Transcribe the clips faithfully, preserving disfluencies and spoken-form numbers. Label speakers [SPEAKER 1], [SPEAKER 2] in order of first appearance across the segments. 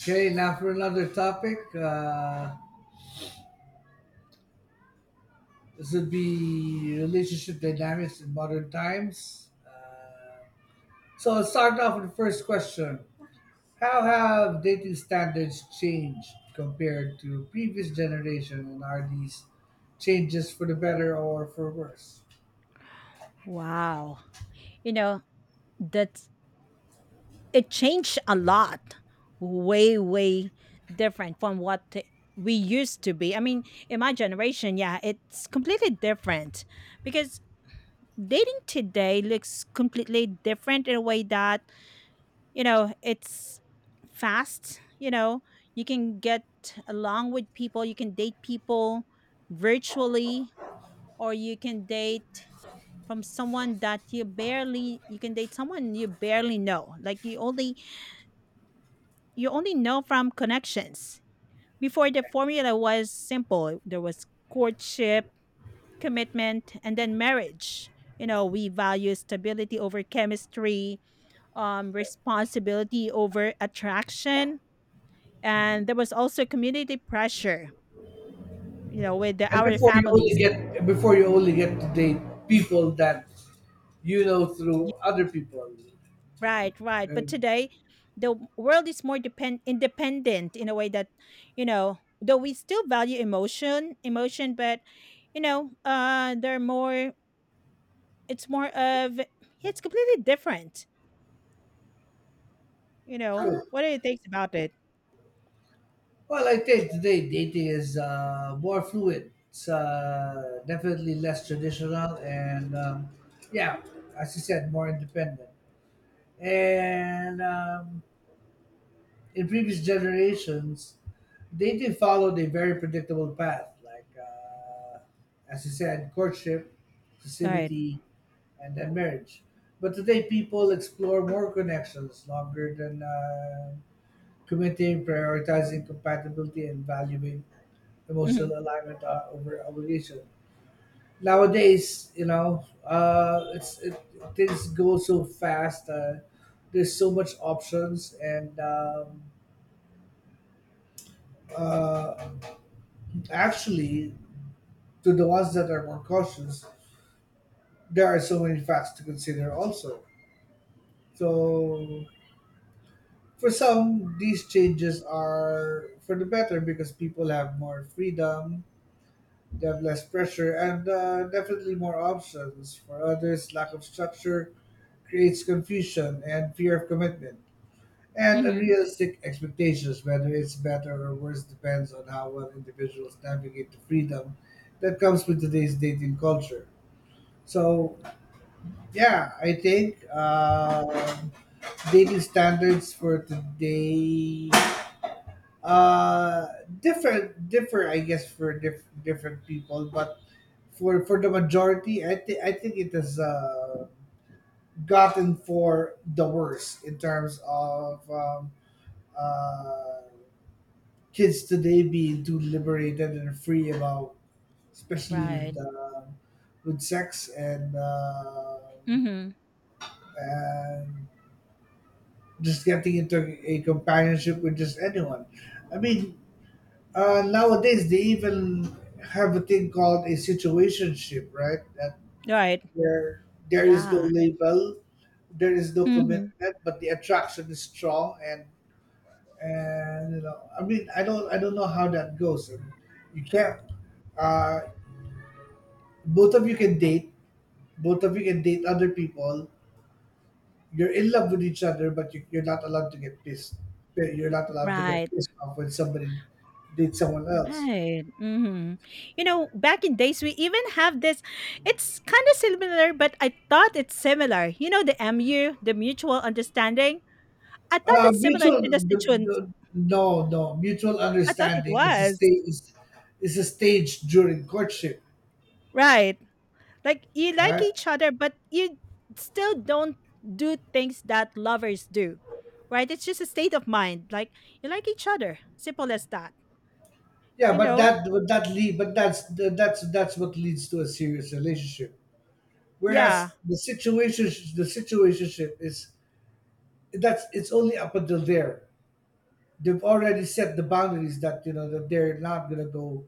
[SPEAKER 1] Okay, now for another topic. Uh, this would be relationship dynamics in modern times. Uh, so I'll start off with the first question. How have dating standards changed compared to previous generation, and are these changes for the better or for worse?
[SPEAKER 2] Wow. You know, that's it changed a lot. Way, way different from what t- we used to be. I mean, in my generation, yeah, it's completely different because dating today looks completely different in a way that, you know, it's fast, you know, you can get along with people, you can date people virtually or you can date from someone that you barely you can date someone you barely know like you only you only know from connections. Before the formula was simple, there was courtship, commitment, and then marriage. You know, we value stability over chemistry, um, responsibility over attraction, and there was also community pressure, you know, with the,
[SPEAKER 1] And
[SPEAKER 2] our
[SPEAKER 1] before you only
[SPEAKER 2] families.
[SPEAKER 1] get before you only get to date people that you know through other people.
[SPEAKER 2] Right, right. But
[SPEAKER 1] And,
[SPEAKER 2] today, the w- world is more depend independent in a way that, you know, though we still value emotion, emotion, but you know, uh, they're more. It's more of it's completely different. You know, what do you think about it?
[SPEAKER 1] Well, I think today dating is uh, more fluid. It's uh, definitely less traditional, and um, yeah, as you said, more independent. And um, in previous generations, dating followed a very predictable path, like uh, as you said, courtship,
[SPEAKER 2] Right.
[SPEAKER 1] exclusivity, and then marriage. But today, people explore more connections longer than uh, committing, prioritizing compatibility, and valuing
[SPEAKER 2] Mm-hmm.
[SPEAKER 1] emotional alignment uh, over obligation. Nowadays, you know, uh, it's it, things go so fast. Uh, there's so much options, and um, uh, actually, to the ones that are more cautious, there are so many facts to consider also. So, for some, these changes are for the better because people have more freedom, they have less pressure, and uh, definitely more options. For others, lack of structure creates confusion and fear of commitment, and
[SPEAKER 2] Mm-hmm.
[SPEAKER 1] unrealistic expectations. Whether it's better or worse depends on how well individuals navigate the freedom that comes with today's dating culture. So, yeah, I think um dating standards for today uh different differ I guess for diff- different people, but for for the majority, i think i think it is uh gotten for the worse in terms of um, uh, kids today being too liberated and free about, especially with
[SPEAKER 2] Right.
[SPEAKER 1] um with sex, and um
[SPEAKER 2] Mm-hmm.
[SPEAKER 1] and just getting into a companionship with just anyone. I mean, uh, nowadays they even have a thing called a situationship, right? That
[SPEAKER 2] Right.
[SPEAKER 1] where there is no
[SPEAKER 2] Yeah.
[SPEAKER 1] label, there is no
[SPEAKER 2] Mm-hmm.
[SPEAKER 1] commitment, but the attraction is strong. and and you know I mean I don't I don't know how that goes. And you can't uh both of you can date both of you can date other people. You're in love with each other, but you, you're not allowed to get pissed you're not allowed to get
[SPEAKER 2] Right.
[SPEAKER 1] pissed off when somebody dates someone else.
[SPEAKER 2] Right. Hmm. You know, back in days, we even have this. It's kind of similar, but I thought it's similar. You know, the M U, the mutual understanding. I thought
[SPEAKER 1] uh
[SPEAKER 2] it's similar to
[SPEAKER 1] mutual
[SPEAKER 2] the
[SPEAKER 1] the,
[SPEAKER 2] Sichuan.
[SPEAKER 1] the, no no mutual
[SPEAKER 2] I thought it
[SPEAKER 1] understanding is a
[SPEAKER 2] was
[SPEAKER 1] stage is, is a stage during courtship,
[SPEAKER 2] right. Like you like
[SPEAKER 1] right?
[SPEAKER 2] each other, but you still don't do things that lovers do, right? It's just a state of mind. Like you like each other, simple as that.
[SPEAKER 1] yeah
[SPEAKER 2] You
[SPEAKER 1] but
[SPEAKER 2] know?
[SPEAKER 1] that but that lead but that's that's that's what leads to a serious relationship.
[SPEAKER 2] Yeah,
[SPEAKER 1] Whereas the situation, the situationship is that's it's only up until there. They've already set the boundaries that, you know, that they're not gonna go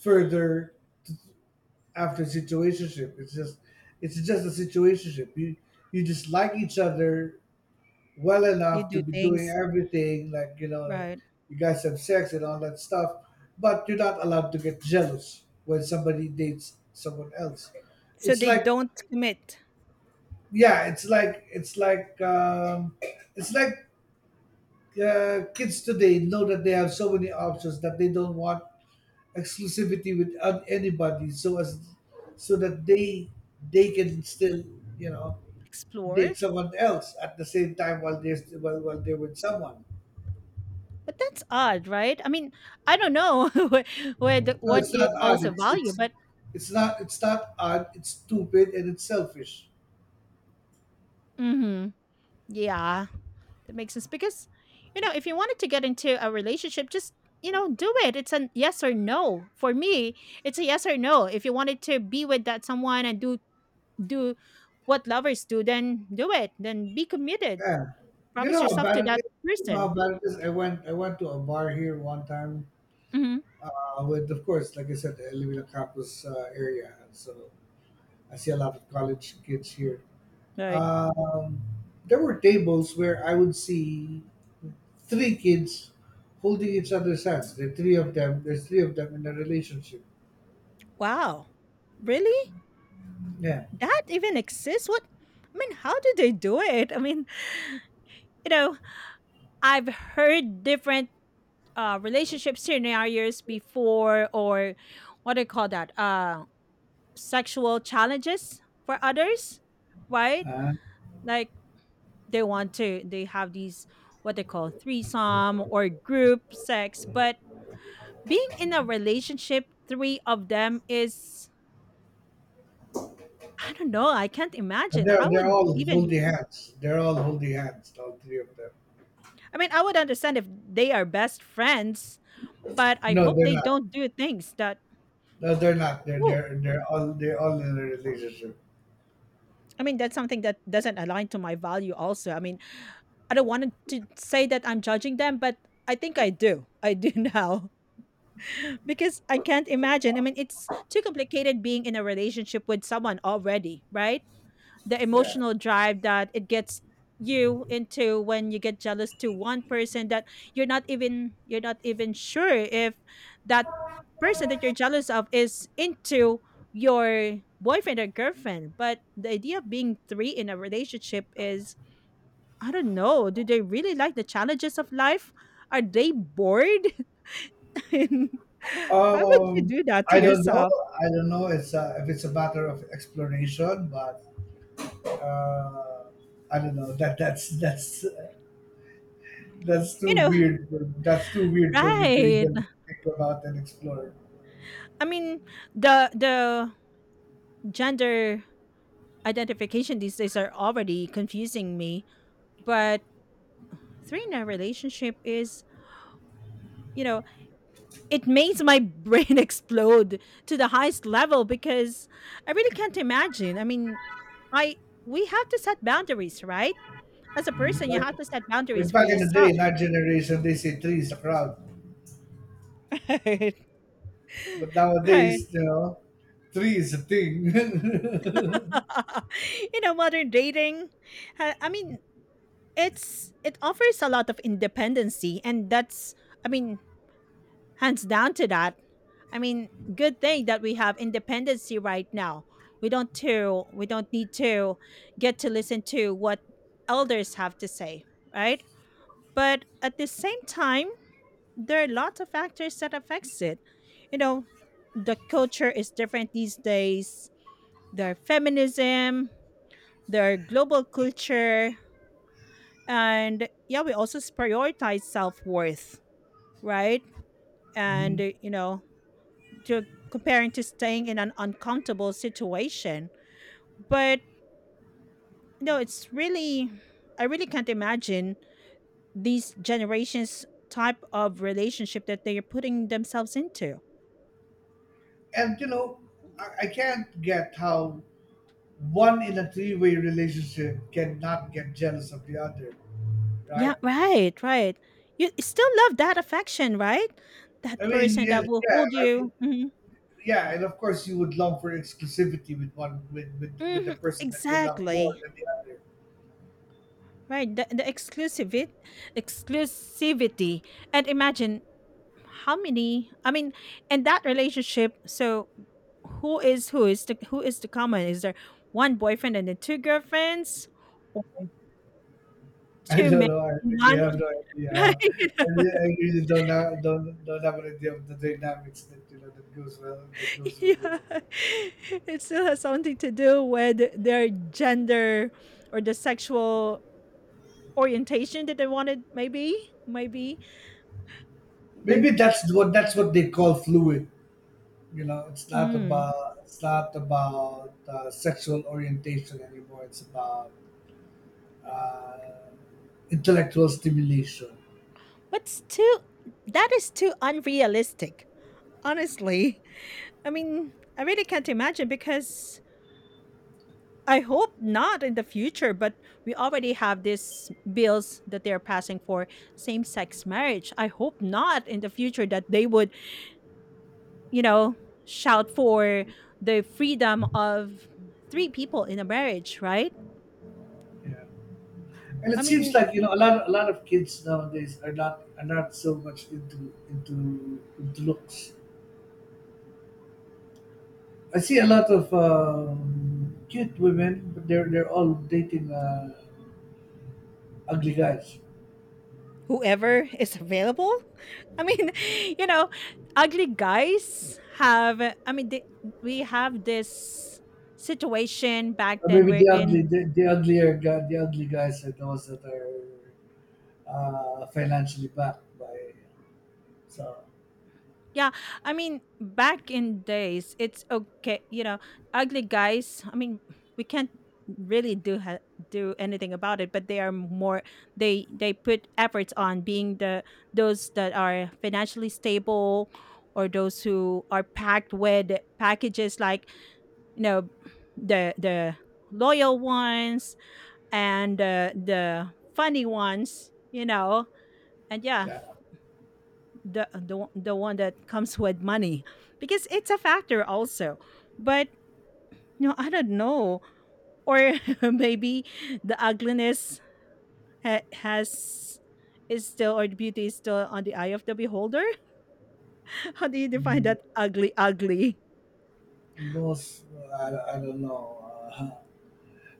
[SPEAKER 1] further. t- After situationship, it's just it's just a situationship. You you just like each other well
[SPEAKER 2] you
[SPEAKER 1] enough to
[SPEAKER 2] do
[SPEAKER 1] be doing
[SPEAKER 2] things
[SPEAKER 1] everything, like, you know, like
[SPEAKER 2] right.
[SPEAKER 1] you guys have sex and all that stuff, but you're not allowed to get jealous when somebody dates someone else.
[SPEAKER 2] So
[SPEAKER 1] It's
[SPEAKER 2] they
[SPEAKER 1] like
[SPEAKER 2] don't commit.
[SPEAKER 1] yeah it's like it's like um, it's like uh, Kids today know that they have so many options that they don't want exclusivity with an- anybody, so as so that they they can still, you know,
[SPEAKER 2] Explore.
[SPEAKER 1] date someone else at the same time while they're st- while, while they're with someone.
[SPEAKER 2] But that's odd, right? I mean, I don't know wh- where the
[SPEAKER 1] no
[SPEAKER 2] what
[SPEAKER 1] it's
[SPEAKER 2] you
[SPEAKER 1] not odd
[SPEAKER 2] also
[SPEAKER 1] it's
[SPEAKER 2] value,
[SPEAKER 1] it's
[SPEAKER 2] but
[SPEAKER 1] it's not it's not odd, it's stupid and it's selfish.
[SPEAKER 2] hmm, yeah, that makes sense because you know if you wanted to get into a relationship, just you know do it. It's a yes or no. For me, it's a yes or no. If you wanted to be with that someone and do do what lovers do, then do it. Then be committed.
[SPEAKER 1] Yeah, you
[SPEAKER 2] Promise
[SPEAKER 1] know how
[SPEAKER 2] yourself
[SPEAKER 1] bad
[SPEAKER 2] to
[SPEAKER 1] it
[SPEAKER 2] that
[SPEAKER 1] is. you know how
[SPEAKER 2] person.
[SPEAKER 1] bad it is i went i went to a bar here one time.
[SPEAKER 2] Hmm.
[SPEAKER 1] Uh, with, of course, like I said, I live in a campus uh, area, and so I see a lot of college kids here.
[SPEAKER 2] Right.
[SPEAKER 1] Um, there were tables where I would see three kids holding each other's hands. The three of them, there's three of them in a relationship.
[SPEAKER 2] Wow. Really?
[SPEAKER 1] Yeah,
[SPEAKER 2] That even exists? What? I mean, how do they do it? I mean, you know, I've heard different uh, relationship scenarios before, or what do you call that? Uh, sexual challenges for others, right?
[SPEAKER 1] uh,
[SPEAKER 2] Like they want to, they have these what they call threesome or group sex, but being in a relationship, three of them is. I don't know. I can't imagine.
[SPEAKER 1] they're
[SPEAKER 2] How
[SPEAKER 1] they're
[SPEAKER 2] would you
[SPEAKER 1] all
[SPEAKER 2] even?
[SPEAKER 1] holding hands. They're all holding hands. All three of them.
[SPEAKER 2] I mean, I would understand if they are best friends, but I
[SPEAKER 1] No,
[SPEAKER 2] hope
[SPEAKER 1] they're
[SPEAKER 2] they
[SPEAKER 1] not.
[SPEAKER 2] don't do things that.
[SPEAKER 1] No, they're not. They're they're they're all they're all in a relationship.
[SPEAKER 2] I mean, that's something that doesn't align to my value, also. I mean, I don't want to say that I'm judging them, but I think I do. I do now because I can't imagine. I mean, it's too complicated being in a relationship with someone already, right? The
[SPEAKER 1] Yeah.
[SPEAKER 2] emotional drive that it gets you into when you get jealous to one person that you're not even you're not even sure if that person that you're jealous of is into your boyfriend or girlfriend, but the idea of being three in a relationship is, I don't know, do they really like the challenges of life, are they bored? And how would you
[SPEAKER 1] Um,
[SPEAKER 2] do that to
[SPEAKER 1] I don't know.
[SPEAKER 2] yourself?
[SPEAKER 1] I don't know. It's a, if it's a matter of explanation, but uh, I don't know. That that's that's that's
[SPEAKER 2] You
[SPEAKER 1] too
[SPEAKER 2] know,
[SPEAKER 1] weird. for- That's too weird for me to
[SPEAKER 2] right,
[SPEAKER 1] even think about and explore.
[SPEAKER 2] I mean, the the gender identification these days are already confusing me. But three in a relationship is, you know, it makes my brain explode to the highest level because I really can't imagine. I mean, I we have to set boundaries, right? As a person, you
[SPEAKER 1] Like
[SPEAKER 2] have to set boundaries
[SPEAKER 1] like
[SPEAKER 2] for
[SPEAKER 1] back in the day,
[SPEAKER 2] yourself.
[SPEAKER 1] in our generation, they say three is a crowd,
[SPEAKER 2] Right.
[SPEAKER 1] but
[SPEAKER 2] Right.
[SPEAKER 1] nowadays, you know, three is a thing.
[SPEAKER 2] You know, modern dating. ha- I mean, it's it offers a lot of independency, and that's I mean, hands down to that. I mean, good thing that we have independency right now. We don't to we don't need to get to listen to what elders have to say, right? But at the same time, there are lots of factors that affects it. You know, the culture is different these days. There are feminism, there are global culture, and yeah, we also prioritize self worth, right? And
[SPEAKER 1] Mhm.
[SPEAKER 2] uh, you know, to comparing to staying in an uncomfortable situation. But no, it's really I really can't imagine these generations type of relationship that they're putting themselves into.
[SPEAKER 1] And you know, I, I can't get how one in a three-way relationship cannot get jealous of the other,
[SPEAKER 2] Yeah,
[SPEAKER 1] right?
[SPEAKER 2] right, right. You still love that affection, right? That
[SPEAKER 1] I mean,
[SPEAKER 2] person
[SPEAKER 1] yeah,
[SPEAKER 2] that will
[SPEAKER 1] yeah,
[SPEAKER 2] hold
[SPEAKER 1] I mean,
[SPEAKER 2] you. Hmm.
[SPEAKER 1] yeah, and of course you would long for exclusivity with one with with, with the
[SPEAKER 2] Hmm,
[SPEAKER 1] person that you love more
[SPEAKER 2] exactly.
[SPEAKER 1] than the other.
[SPEAKER 2] Right, the, the exclusivity, exclusivity, and imagine how many, I mean, in that relationship, so who is who is the who is the common, is there one boyfriend and then two girlfriends, or
[SPEAKER 1] I
[SPEAKER 2] two
[SPEAKER 1] don't
[SPEAKER 2] men
[SPEAKER 1] know. I
[SPEAKER 2] and
[SPEAKER 1] really
[SPEAKER 2] one
[SPEAKER 1] have no idea. How, I, really, I really don't have, don't don't have an idea of the dynamics that, you know, that goes well, that goes with
[SPEAKER 2] yeah
[SPEAKER 1] women.
[SPEAKER 2] it still has something to do with their gender or the sexual orientation that they wanted, maybe maybe maybe.
[SPEAKER 1] Maybe that's what that's what they call fluid. You know, it's not
[SPEAKER 2] Mm.
[SPEAKER 1] about it's not about uh, sexual orientation anymore. It's about uh, intellectual stimulation.
[SPEAKER 2] But still, that is too unrealistic, honestly. I mean, I really can't imagine because I hope not in the future, but we already have these bills that they're passing for same sex marriage. I hope not in the future that they would, you know, shout for the freedom of three people in a marriage, right?
[SPEAKER 1] Yeah, and
[SPEAKER 2] I
[SPEAKER 1] it seems
[SPEAKER 2] mean,
[SPEAKER 1] like, you know, a lot a lot of kids nowadays are not, are not so much into into into looks. I see a lot of um, cute women, but they're they're all dating uh, ugly guys.
[SPEAKER 2] whoever is available. I mean, you know, ugly guys have, I mean, they, we have this situation back
[SPEAKER 1] Or
[SPEAKER 2] then
[SPEAKER 1] maybe the
[SPEAKER 2] wherein
[SPEAKER 1] ugly the, the uglier guy the ugly guys are those that are uh, financially backed by. So,
[SPEAKER 2] yeah, I mean, back in days, it's okay. You know, ugly guys. I mean, we can't really do ha- do anything about it, but they are more. They they put efforts on being the those that are financially stable, or those who are packed with packages like, you know, the the loyal ones, and uh, the funny ones. You know, and yeah,
[SPEAKER 1] yeah.
[SPEAKER 2] the the the one that comes with money because it's a factor also, but you know I don't know, or maybe the ugliness ha- has is still, or the beauty is still on the eye of the beholder. How do you define that ugly ugly?
[SPEAKER 1] Most, I, I don't know. Uh,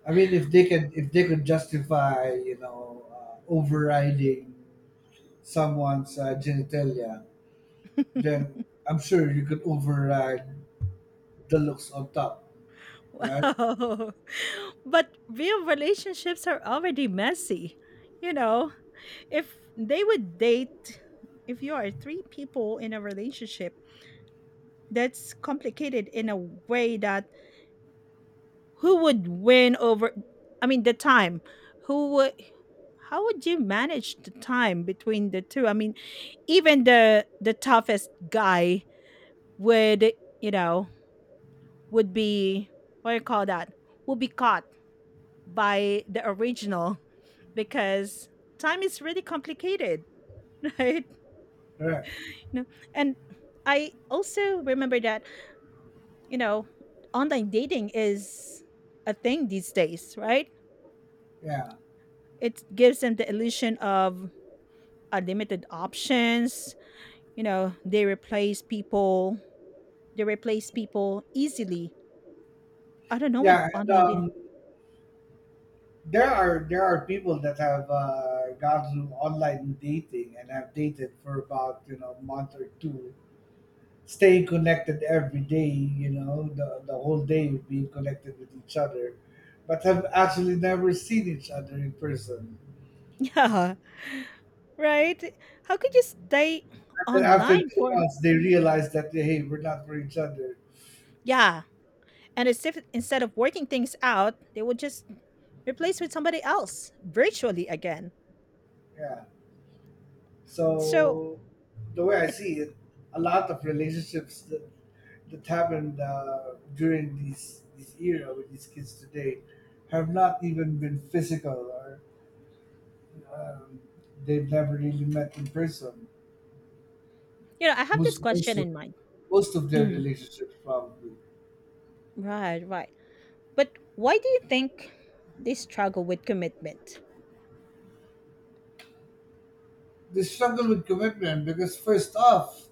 [SPEAKER 1] I mean, if they can if they could justify, you know, uh, overriding someone's uh, genitalia, then I'm sure you could override the looks on top, right?
[SPEAKER 2] Wow. But real relationships are already messy. You know, if they would date, if you are three people in a relationship, that's complicated in a way that who would win over, I mean, the time, who would. How would you manage the time between the two? I mean, even the the toughest guy would, you know, would be what do you call that? Would be caught by the original because time is really complicated, right?
[SPEAKER 1] Correct.
[SPEAKER 2] You know, and I also remember that, you know, online dating is a thing these days, right?
[SPEAKER 1] Yeah.
[SPEAKER 2] It gives them the illusion of unlimited options. You know, they replace people, they replace people easily. I don't know with
[SPEAKER 1] Yeah. And,
[SPEAKER 2] online dating.
[SPEAKER 1] um, there are there are people that have uh, gone through online dating and have dated for about, you know, a month or two, staying connected every day, you know, the, the whole day being connected with each other, but have actually never seen each other in person.
[SPEAKER 2] Yeah, right? How could you stay
[SPEAKER 1] And then after
[SPEAKER 2] online
[SPEAKER 1] two
[SPEAKER 2] for?
[SPEAKER 1] months, they realize that, hey, we're not for each other.
[SPEAKER 2] Yeah, and as if instead of working things out, they would just replace with somebody else virtually again.
[SPEAKER 1] Yeah.
[SPEAKER 2] So,
[SPEAKER 1] So, the way I
[SPEAKER 2] it,
[SPEAKER 1] see it, a lot of relationships that, that happened uh, during this, this era with these kids today have not even been physical or um, they've never really met in person.
[SPEAKER 2] you know, I have this
[SPEAKER 1] most most
[SPEAKER 2] question
[SPEAKER 1] of
[SPEAKER 2] in mind.
[SPEAKER 1] Most of their
[SPEAKER 2] Mm,
[SPEAKER 1] relationships, probably.
[SPEAKER 2] right, right. But why do you think they struggle with commitment?
[SPEAKER 1] They struggle with commitment because, first off,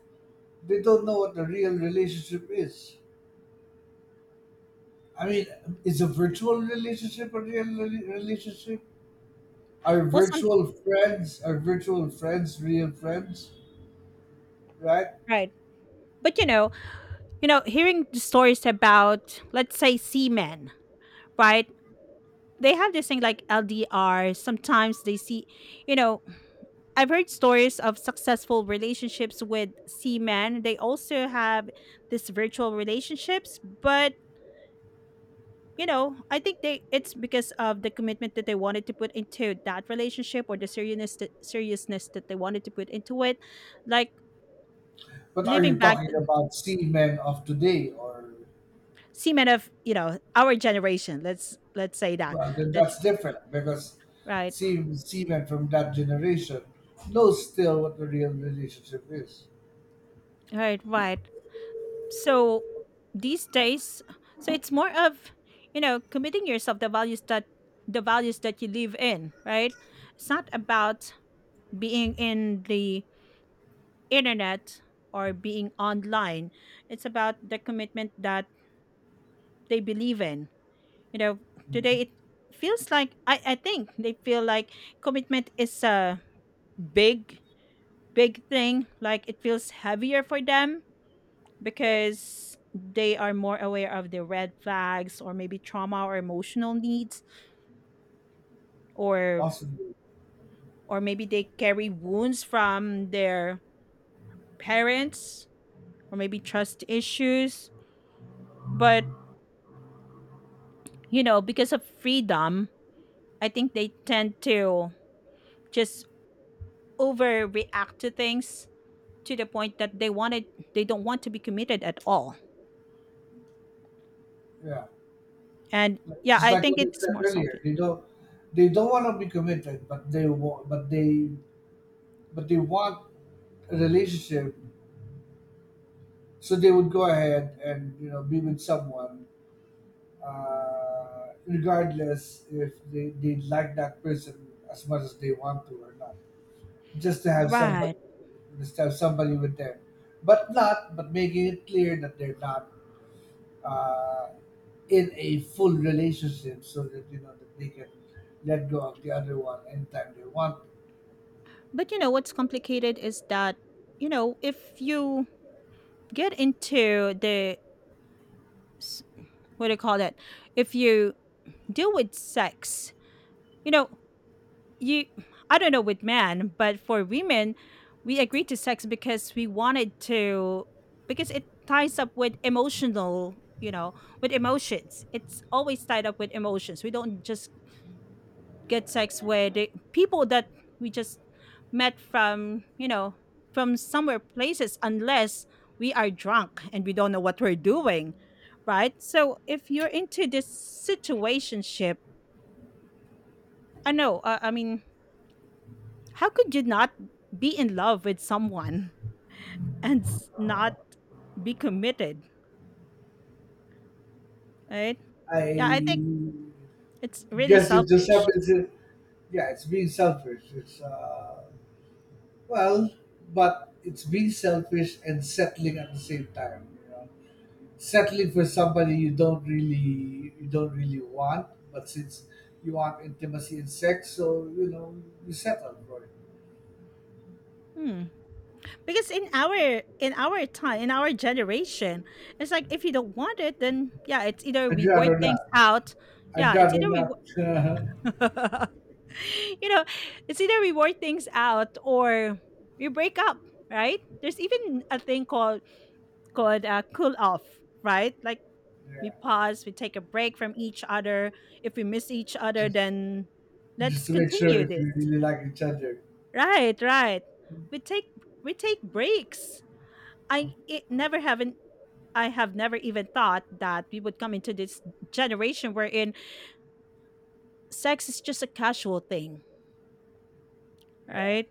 [SPEAKER 1] they don't know what a real relationship is. I mean, is a virtual relationship a real rela- relationship? Are
[SPEAKER 2] Well, some
[SPEAKER 1] virtual friends are virtual friends real friends? Right.
[SPEAKER 2] right. But you know, you know, hearing the stories about, let's say, seamen, right? They have this thing like L D R. Sometimes they see, you know, I've heard stories of successful relationships with men. They also have this virtual relationships, but you know, I think they it's because of the commitment that they wanted to put into that relationship, or the seriousness that, seriousness that they wanted to put into it. Like
[SPEAKER 1] But are
[SPEAKER 2] living
[SPEAKER 1] you
[SPEAKER 2] back
[SPEAKER 1] talking about seamen of today or?
[SPEAKER 2] seamen of, you know, our generation. Let's let's say that.
[SPEAKER 1] Well, then
[SPEAKER 2] Let's
[SPEAKER 1] that's different because
[SPEAKER 2] right,
[SPEAKER 1] sea seamen from that generation knows still what the real relationship is.
[SPEAKER 2] right, right. So these days, so it's more of, you know, committing yourself, the values that the values that you live in, right? It's not about being in the internet or being online, it's about the commitment that they believe in, you know.
[SPEAKER 1] Mm.
[SPEAKER 2] Today it feels like, i, I think they feel like commitment is a big big thing, like it feels heavier for them
[SPEAKER 1] Yeah.
[SPEAKER 2] because they are more aware of the red flags, or maybe trauma or emotional needs, or
[SPEAKER 1] Possibly,
[SPEAKER 2] or maybe they carry wounds from their parents, or maybe trust issues, but you know because of freedom I think they tend to just overreact to things to the point that they wanted they don't want to be committed at all.
[SPEAKER 1] yeah.
[SPEAKER 2] And
[SPEAKER 1] Like,
[SPEAKER 2] yeah,
[SPEAKER 1] just
[SPEAKER 2] I
[SPEAKER 1] like
[SPEAKER 2] think
[SPEAKER 1] what I
[SPEAKER 2] it's
[SPEAKER 1] said
[SPEAKER 2] more
[SPEAKER 1] earlier,
[SPEAKER 2] selfish.
[SPEAKER 1] they don't, they don't want to be committed, but they want, but they, but they want a relationship, so they would go ahead and, you know, be with someone, uh, regardless if they, they like that person as much as they want to or not, just to have somebody,
[SPEAKER 2] Right.
[SPEAKER 1] just to have somebody with them, but not, but making it clear that they're not uh, in a full relationship so that, you know, that they can let go of the other one anytime they want.
[SPEAKER 2] But you know what's complicated is that, you know, if you get into the s- what do you call that? If you deal with sex, you know, you, I don't know with men, but for women we agreed to sex because we wanted to, because it ties up with emotional, you know, with emotions, it's always tied up with emotions. We don't just get sex with the people that we just met from, you know, from somewhere places, unless we are drunk and we don't know what we're doing, right? So if you're into this situationship, I know, uh, I mean, how could you not be in love with someone and s- not be committed, right?
[SPEAKER 1] I
[SPEAKER 2] Yeah, I think it's really
[SPEAKER 1] guess it just
[SPEAKER 2] selfish.
[SPEAKER 1] happens. In- yeah, it's being selfish. It's uh, well, but it's being selfish and settling at the same time. You know, settling for somebody you don't really, you don't really want, but since you want intimacy and sex, so, you know, you settle for it.
[SPEAKER 2] Hmm. Because in our in our time, in our generation, it's like if you don't want it, then yeah, it's either
[SPEAKER 1] I'd
[SPEAKER 2] we work
[SPEAKER 1] rather
[SPEAKER 2] things
[SPEAKER 1] not.
[SPEAKER 2] out.
[SPEAKER 1] I'd
[SPEAKER 2] Yeah, it's
[SPEAKER 1] rather
[SPEAKER 2] either we
[SPEAKER 1] not.
[SPEAKER 2] you know, it's either we work things out or we break up, right? There's even a thing called called uh, cool off, right? Like we
[SPEAKER 1] Yeah.
[SPEAKER 2] pause, we take a break from each other. If we miss each other,
[SPEAKER 1] Just
[SPEAKER 2] then
[SPEAKER 1] just
[SPEAKER 2] let's
[SPEAKER 1] to make sure
[SPEAKER 2] continue
[SPEAKER 1] if
[SPEAKER 2] this.
[SPEAKER 1] you really like each other.
[SPEAKER 2] Right, right. We take we take breaks. I it never haven't I have never even thought that we would come into this generation wherein sex is just a casual thing,
[SPEAKER 1] Yeah.
[SPEAKER 2] right?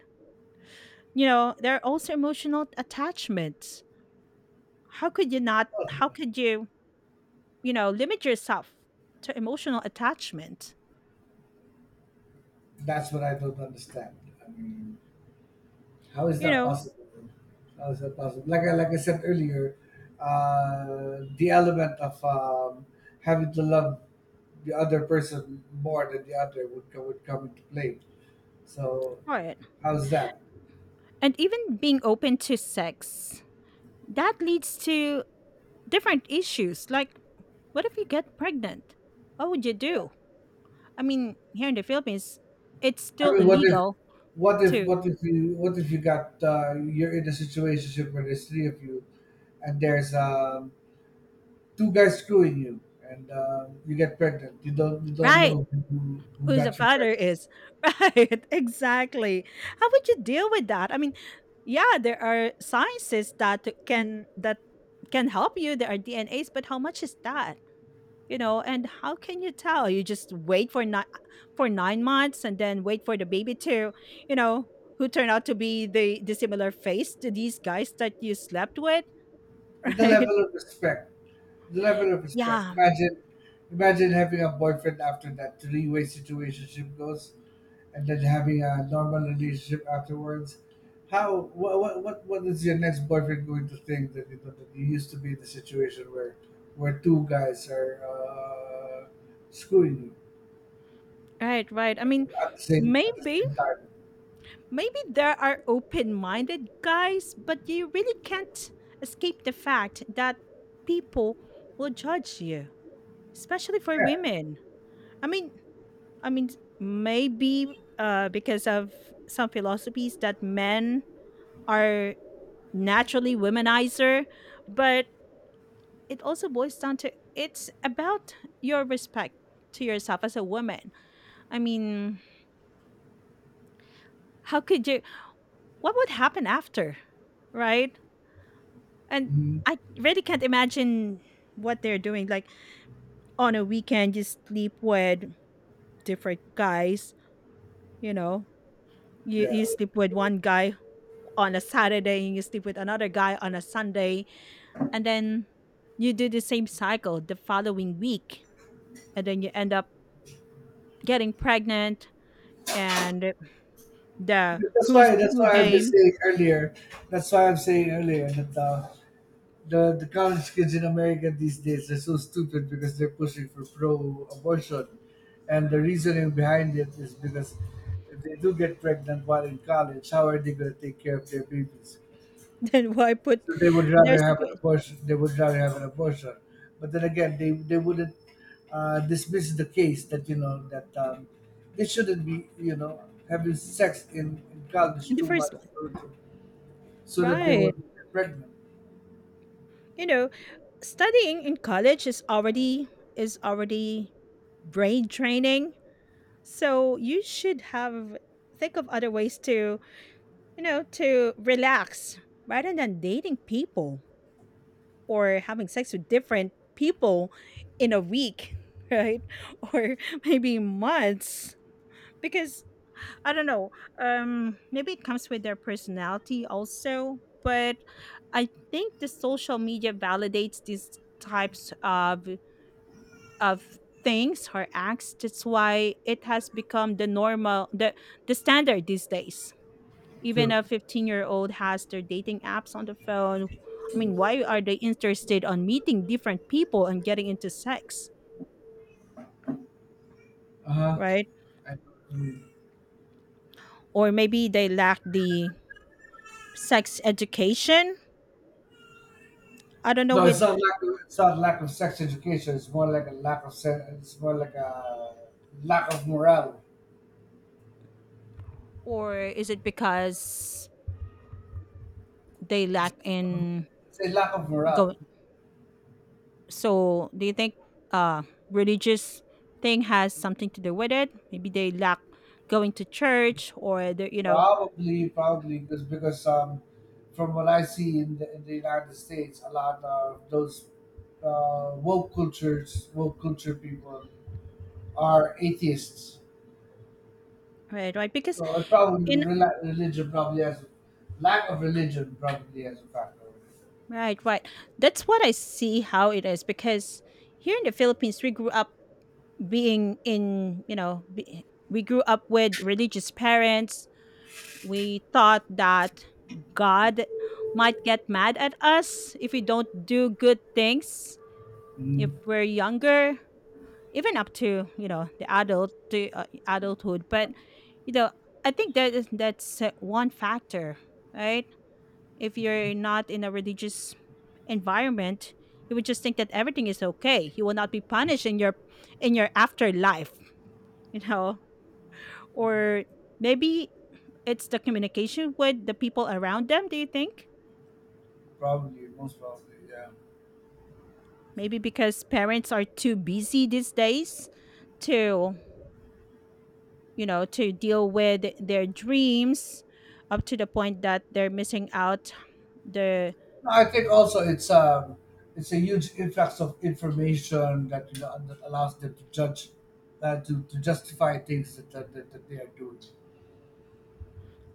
[SPEAKER 2] You know, there are also emotional attachments. How could you not how could you, you know, limit yourself to emotional attachment?
[SPEAKER 1] That's what I don't understand. I mean, how is
[SPEAKER 2] You
[SPEAKER 1] that
[SPEAKER 2] know,
[SPEAKER 1] possible? How is that possible? Like I like I said earlier, uh, the element of um, having to love the other person more than the other would co- would come into play. So,
[SPEAKER 2] for it.
[SPEAKER 1] how's that?
[SPEAKER 2] And even being open to sex, that leads to different issues. Like, what if you get pregnant? What would you
[SPEAKER 1] Yeah.
[SPEAKER 2] do? I mean, here in the Philippines, it's
[SPEAKER 1] I
[SPEAKER 2] still
[SPEAKER 1] mean, what if,
[SPEAKER 2] illegal
[SPEAKER 1] what if,
[SPEAKER 2] to,
[SPEAKER 1] what if you, what if you got, uh, you're in a situation where there's three of you, and there's um, two guys screwing you, and uh, you get pregnant. You don't, you don't
[SPEAKER 2] right.
[SPEAKER 1] know who, who
[SPEAKER 2] Who the
[SPEAKER 1] got you
[SPEAKER 2] father
[SPEAKER 1] pregnant.
[SPEAKER 2] is. Right, exactly. How would you deal with that? I mean, yeah, there are sciences that can that can help you. There are D N As, but how much is that? You know, and how can you tell? You just wait for nine for nine months and then wait for the baby to, you know, who turn out to be the the similar face to these guys that you slept with,
[SPEAKER 1] And the
[SPEAKER 2] right?
[SPEAKER 1] level of respect, the level of respect.
[SPEAKER 2] Yeah,
[SPEAKER 1] Imagine, imagine having a boyfriend after that three way situationship goes, and then having a normal relationship afterwards. How what what what, what is your next boyfriend going to think, that, you know, that you used to be in the situation where where two guys are uh, screwing you
[SPEAKER 2] right, right. I mean,
[SPEAKER 1] at the same at the
[SPEAKER 2] maybe
[SPEAKER 1] same time?
[SPEAKER 2] Maybe there are open minded guys, but you really can't escape the fact that people will judge you, especially for
[SPEAKER 1] Yeah.
[SPEAKER 2] women. I mean, I mean, maybe uh, because of some philosophies that men are naturally womanizer, but it also boils down to, it's about your respect to yourself as a woman. I mean, how could you, what would happen after, right? And
[SPEAKER 1] Mhm.
[SPEAKER 2] I really can't imagine what they're doing. Like on a weekend, you sleep with different guys, you know, you, you
[SPEAKER 1] Yeah.
[SPEAKER 2] sleep with one guy on a Saturday and you sleep with another guy on a Sunday. And then you do the same cycle the following week. And then you end up getting pregnant and the
[SPEAKER 1] That's
[SPEAKER 2] who's
[SPEAKER 1] why. That's
[SPEAKER 2] who
[SPEAKER 1] why I've been
[SPEAKER 2] game.
[SPEAKER 1] saying earlier. That's why I'm saying earlier that uh, the the college kids in America these days are so stupid because they're pushing for pro-abortion, and the reasoning behind it is because if they do get pregnant while in college, how are they going to take care of their babies?
[SPEAKER 2] Then why put
[SPEAKER 1] So they would
[SPEAKER 2] their
[SPEAKER 1] rather have an
[SPEAKER 2] situation
[SPEAKER 1] abortion. They would rather have an abortion. But then again, they they wouldn't uh, dismiss the case that, you know, that um, they shouldn't be, you know, having sex in, in
[SPEAKER 2] in
[SPEAKER 1] college
[SPEAKER 2] the
[SPEAKER 1] too
[SPEAKER 2] first
[SPEAKER 1] much,
[SPEAKER 2] one?
[SPEAKER 1] or to- so that they will
[SPEAKER 2] Right.
[SPEAKER 1] not get pregnant.
[SPEAKER 2] You know, studying in college is already is already brain training, so you should have, think of other ways to, you know, to relax rather than dating people or having sex with different people in a week, right? Or maybe months, because I don't know, um, maybe it comes with their personality also, but I think the social media validates these types of of things her acts. That's why it has become the normal, the the standard these days. Even
[SPEAKER 1] True.
[SPEAKER 2] a fifteen year old has their dating apps on the phone. I mean, why are they interested on meeting different people and getting into sex,
[SPEAKER 1] Uh huh.
[SPEAKER 2] right?
[SPEAKER 1] I know what you mean.
[SPEAKER 2] Or maybe they lack the sex education. I don't know
[SPEAKER 1] No,
[SPEAKER 2] with,
[SPEAKER 1] it's not lack. Of, it's not lack of sex education. It's more like a lack of. se- It's more like a lack of morale.
[SPEAKER 2] or is it because they lack in,
[SPEAKER 1] Say, lack of
[SPEAKER 2] go.
[SPEAKER 1] morale.
[SPEAKER 2] So do you think uh religious thing has something to do with it? Maybe they lack going to church or the, you know,
[SPEAKER 1] Probably, probably, because because um, from what I see in the, in the United States, a lot of those uh, woke cultures, woke culture people are atheists.
[SPEAKER 2] right, right, because
[SPEAKER 1] So it probably
[SPEAKER 2] in,
[SPEAKER 1] rela- religion probably has, lack of religion probably has a factor.
[SPEAKER 2] right, right, that's what I see how it is, because here in the Philippines we grew up being in, you know, be, we grew up with religious parents. We thought that God might get mad at us if we don't do good things if
[SPEAKER 1] Mm.
[SPEAKER 2] we're younger, even up to, you know, the adult to uh, adulthood, but you know, I think that is that's uh, one factor, right? If you're not in a religious environment, you would just think that everything is okay, you will not be punished in your in your afterlife, you know, or maybe it's the communication with the people around them, do you think,
[SPEAKER 1] Probably, most probably, yeah.
[SPEAKER 2] maybe because parents are too busy these days to, you know, to deal with their dreams up to the point that they're missing out the,
[SPEAKER 1] No, I think also it's um it's a huge influx of information that, you know, that allows them to judge, uh, to, to justify things that, that, that, that they are doing.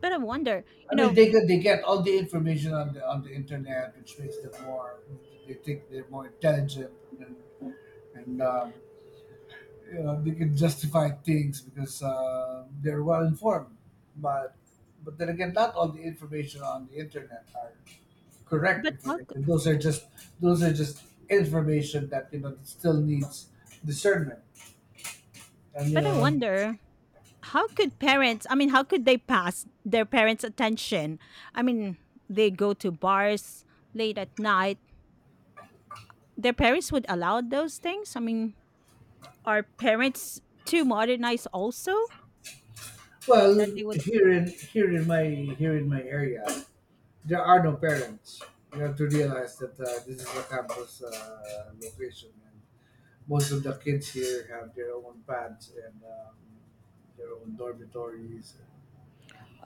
[SPEAKER 2] but I wonder, you
[SPEAKER 1] I mean,
[SPEAKER 2] know,
[SPEAKER 1] they get they get all the information on the on the internet, which makes them more. They think they're more intelligent, and and um, you know, they can justify things because, uh, they're well informed. But but then again, not all the information on the internet are correct
[SPEAKER 2] but how
[SPEAKER 1] information.
[SPEAKER 2] c-,
[SPEAKER 1] Those are just, those are just information that, you know, that still needs discernment. And you
[SPEAKER 2] but I
[SPEAKER 1] know,
[SPEAKER 2] wonder how could parents, I mean how could they pass their parents' attention? I mean, they go to bars late at night. Their parents would allow those things? I mean, are parents too modernized also
[SPEAKER 1] well,
[SPEAKER 2] that they would,
[SPEAKER 1] here in, here in my here in my area, there are no parents. You have to realize that uh, this is a campus uh, location, and most of the kids here have their own pads, and um, their own dormitories.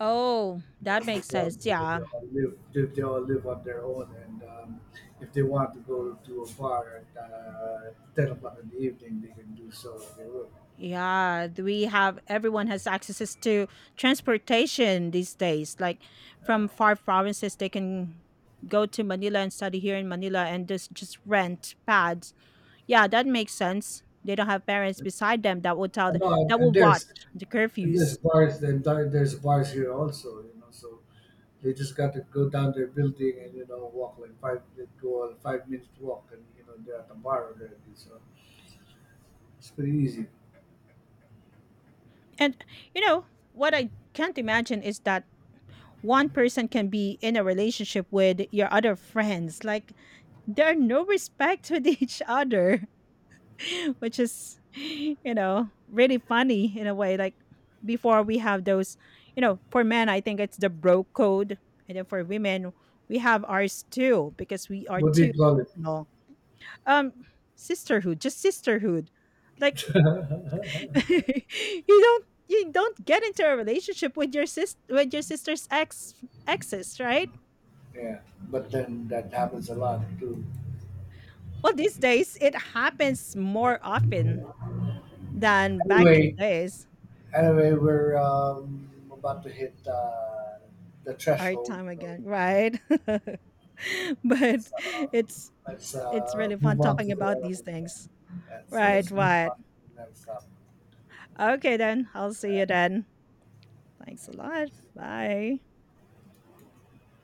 [SPEAKER 2] oh, that
[SPEAKER 1] You
[SPEAKER 2] makes
[SPEAKER 1] know,
[SPEAKER 2] sense.
[SPEAKER 1] they all, they
[SPEAKER 2] Yeah.
[SPEAKER 1] all live they, they all live on their own, and um, if they want to go to a bar at uh, ten o'clock in the evening, they can do so if they would.
[SPEAKER 2] Yeah, do we have, everyone has access to transportation these days. Like
[SPEAKER 1] Uh,
[SPEAKER 2] from far provinces, they can go to Manila and study here in Manila and just just rent pads. Yeah, that makes sense. They don't have parents beside them that will tell
[SPEAKER 1] and,
[SPEAKER 2] them,
[SPEAKER 1] all-
[SPEAKER 2] that
[SPEAKER 1] and
[SPEAKER 2] will watch
[SPEAKER 1] there's
[SPEAKER 2] the
[SPEAKER 1] And
[SPEAKER 2] curfews.
[SPEAKER 1] there's bars, the entire there's bars here also, you know. So they just got to go down their building, and, you know, walk like five, they go on a five minute walk, and you know they're at the bar already. So it's pretty easy.
[SPEAKER 2] And you know what I can't imagine is that one person can be in a relationship with your other friends. Like there are no respect with each other. Which is, you know, really funny in a way, like before we have those, you know, for men I think it's the bro code, and then for women we have ours too, because we are
[SPEAKER 1] What do
[SPEAKER 2] too,
[SPEAKER 1] you call it?
[SPEAKER 2] you know, um, sisterhood just sisterhood, like you don't you don't get into a relationship with your sis with your sister's ex exes, right?
[SPEAKER 1] Yeah, but then that happens a lot too.
[SPEAKER 2] Well these days it happens more often than back in
[SPEAKER 1] Anyway,
[SPEAKER 2] days.
[SPEAKER 1] anyway, we're um, about to hit uh, the
[SPEAKER 2] Hard
[SPEAKER 1] threshold.
[SPEAKER 2] time
[SPEAKER 1] So
[SPEAKER 2] again, right? But
[SPEAKER 1] let's, uh,
[SPEAKER 2] it's
[SPEAKER 1] let's
[SPEAKER 2] it's
[SPEAKER 1] uh,
[SPEAKER 2] really fun
[SPEAKER 1] move on to
[SPEAKER 2] talking about
[SPEAKER 1] the.
[SPEAKER 2] these things.
[SPEAKER 1] Yeah, so
[SPEAKER 2] Right,
[SPEAKER 1] let's move
[SPEAKER 2] right.
[SPEAKER 1] on to the next topic.
[SPEAKER 2] Okay then. I'll see you then. Thanks a lot. Bye.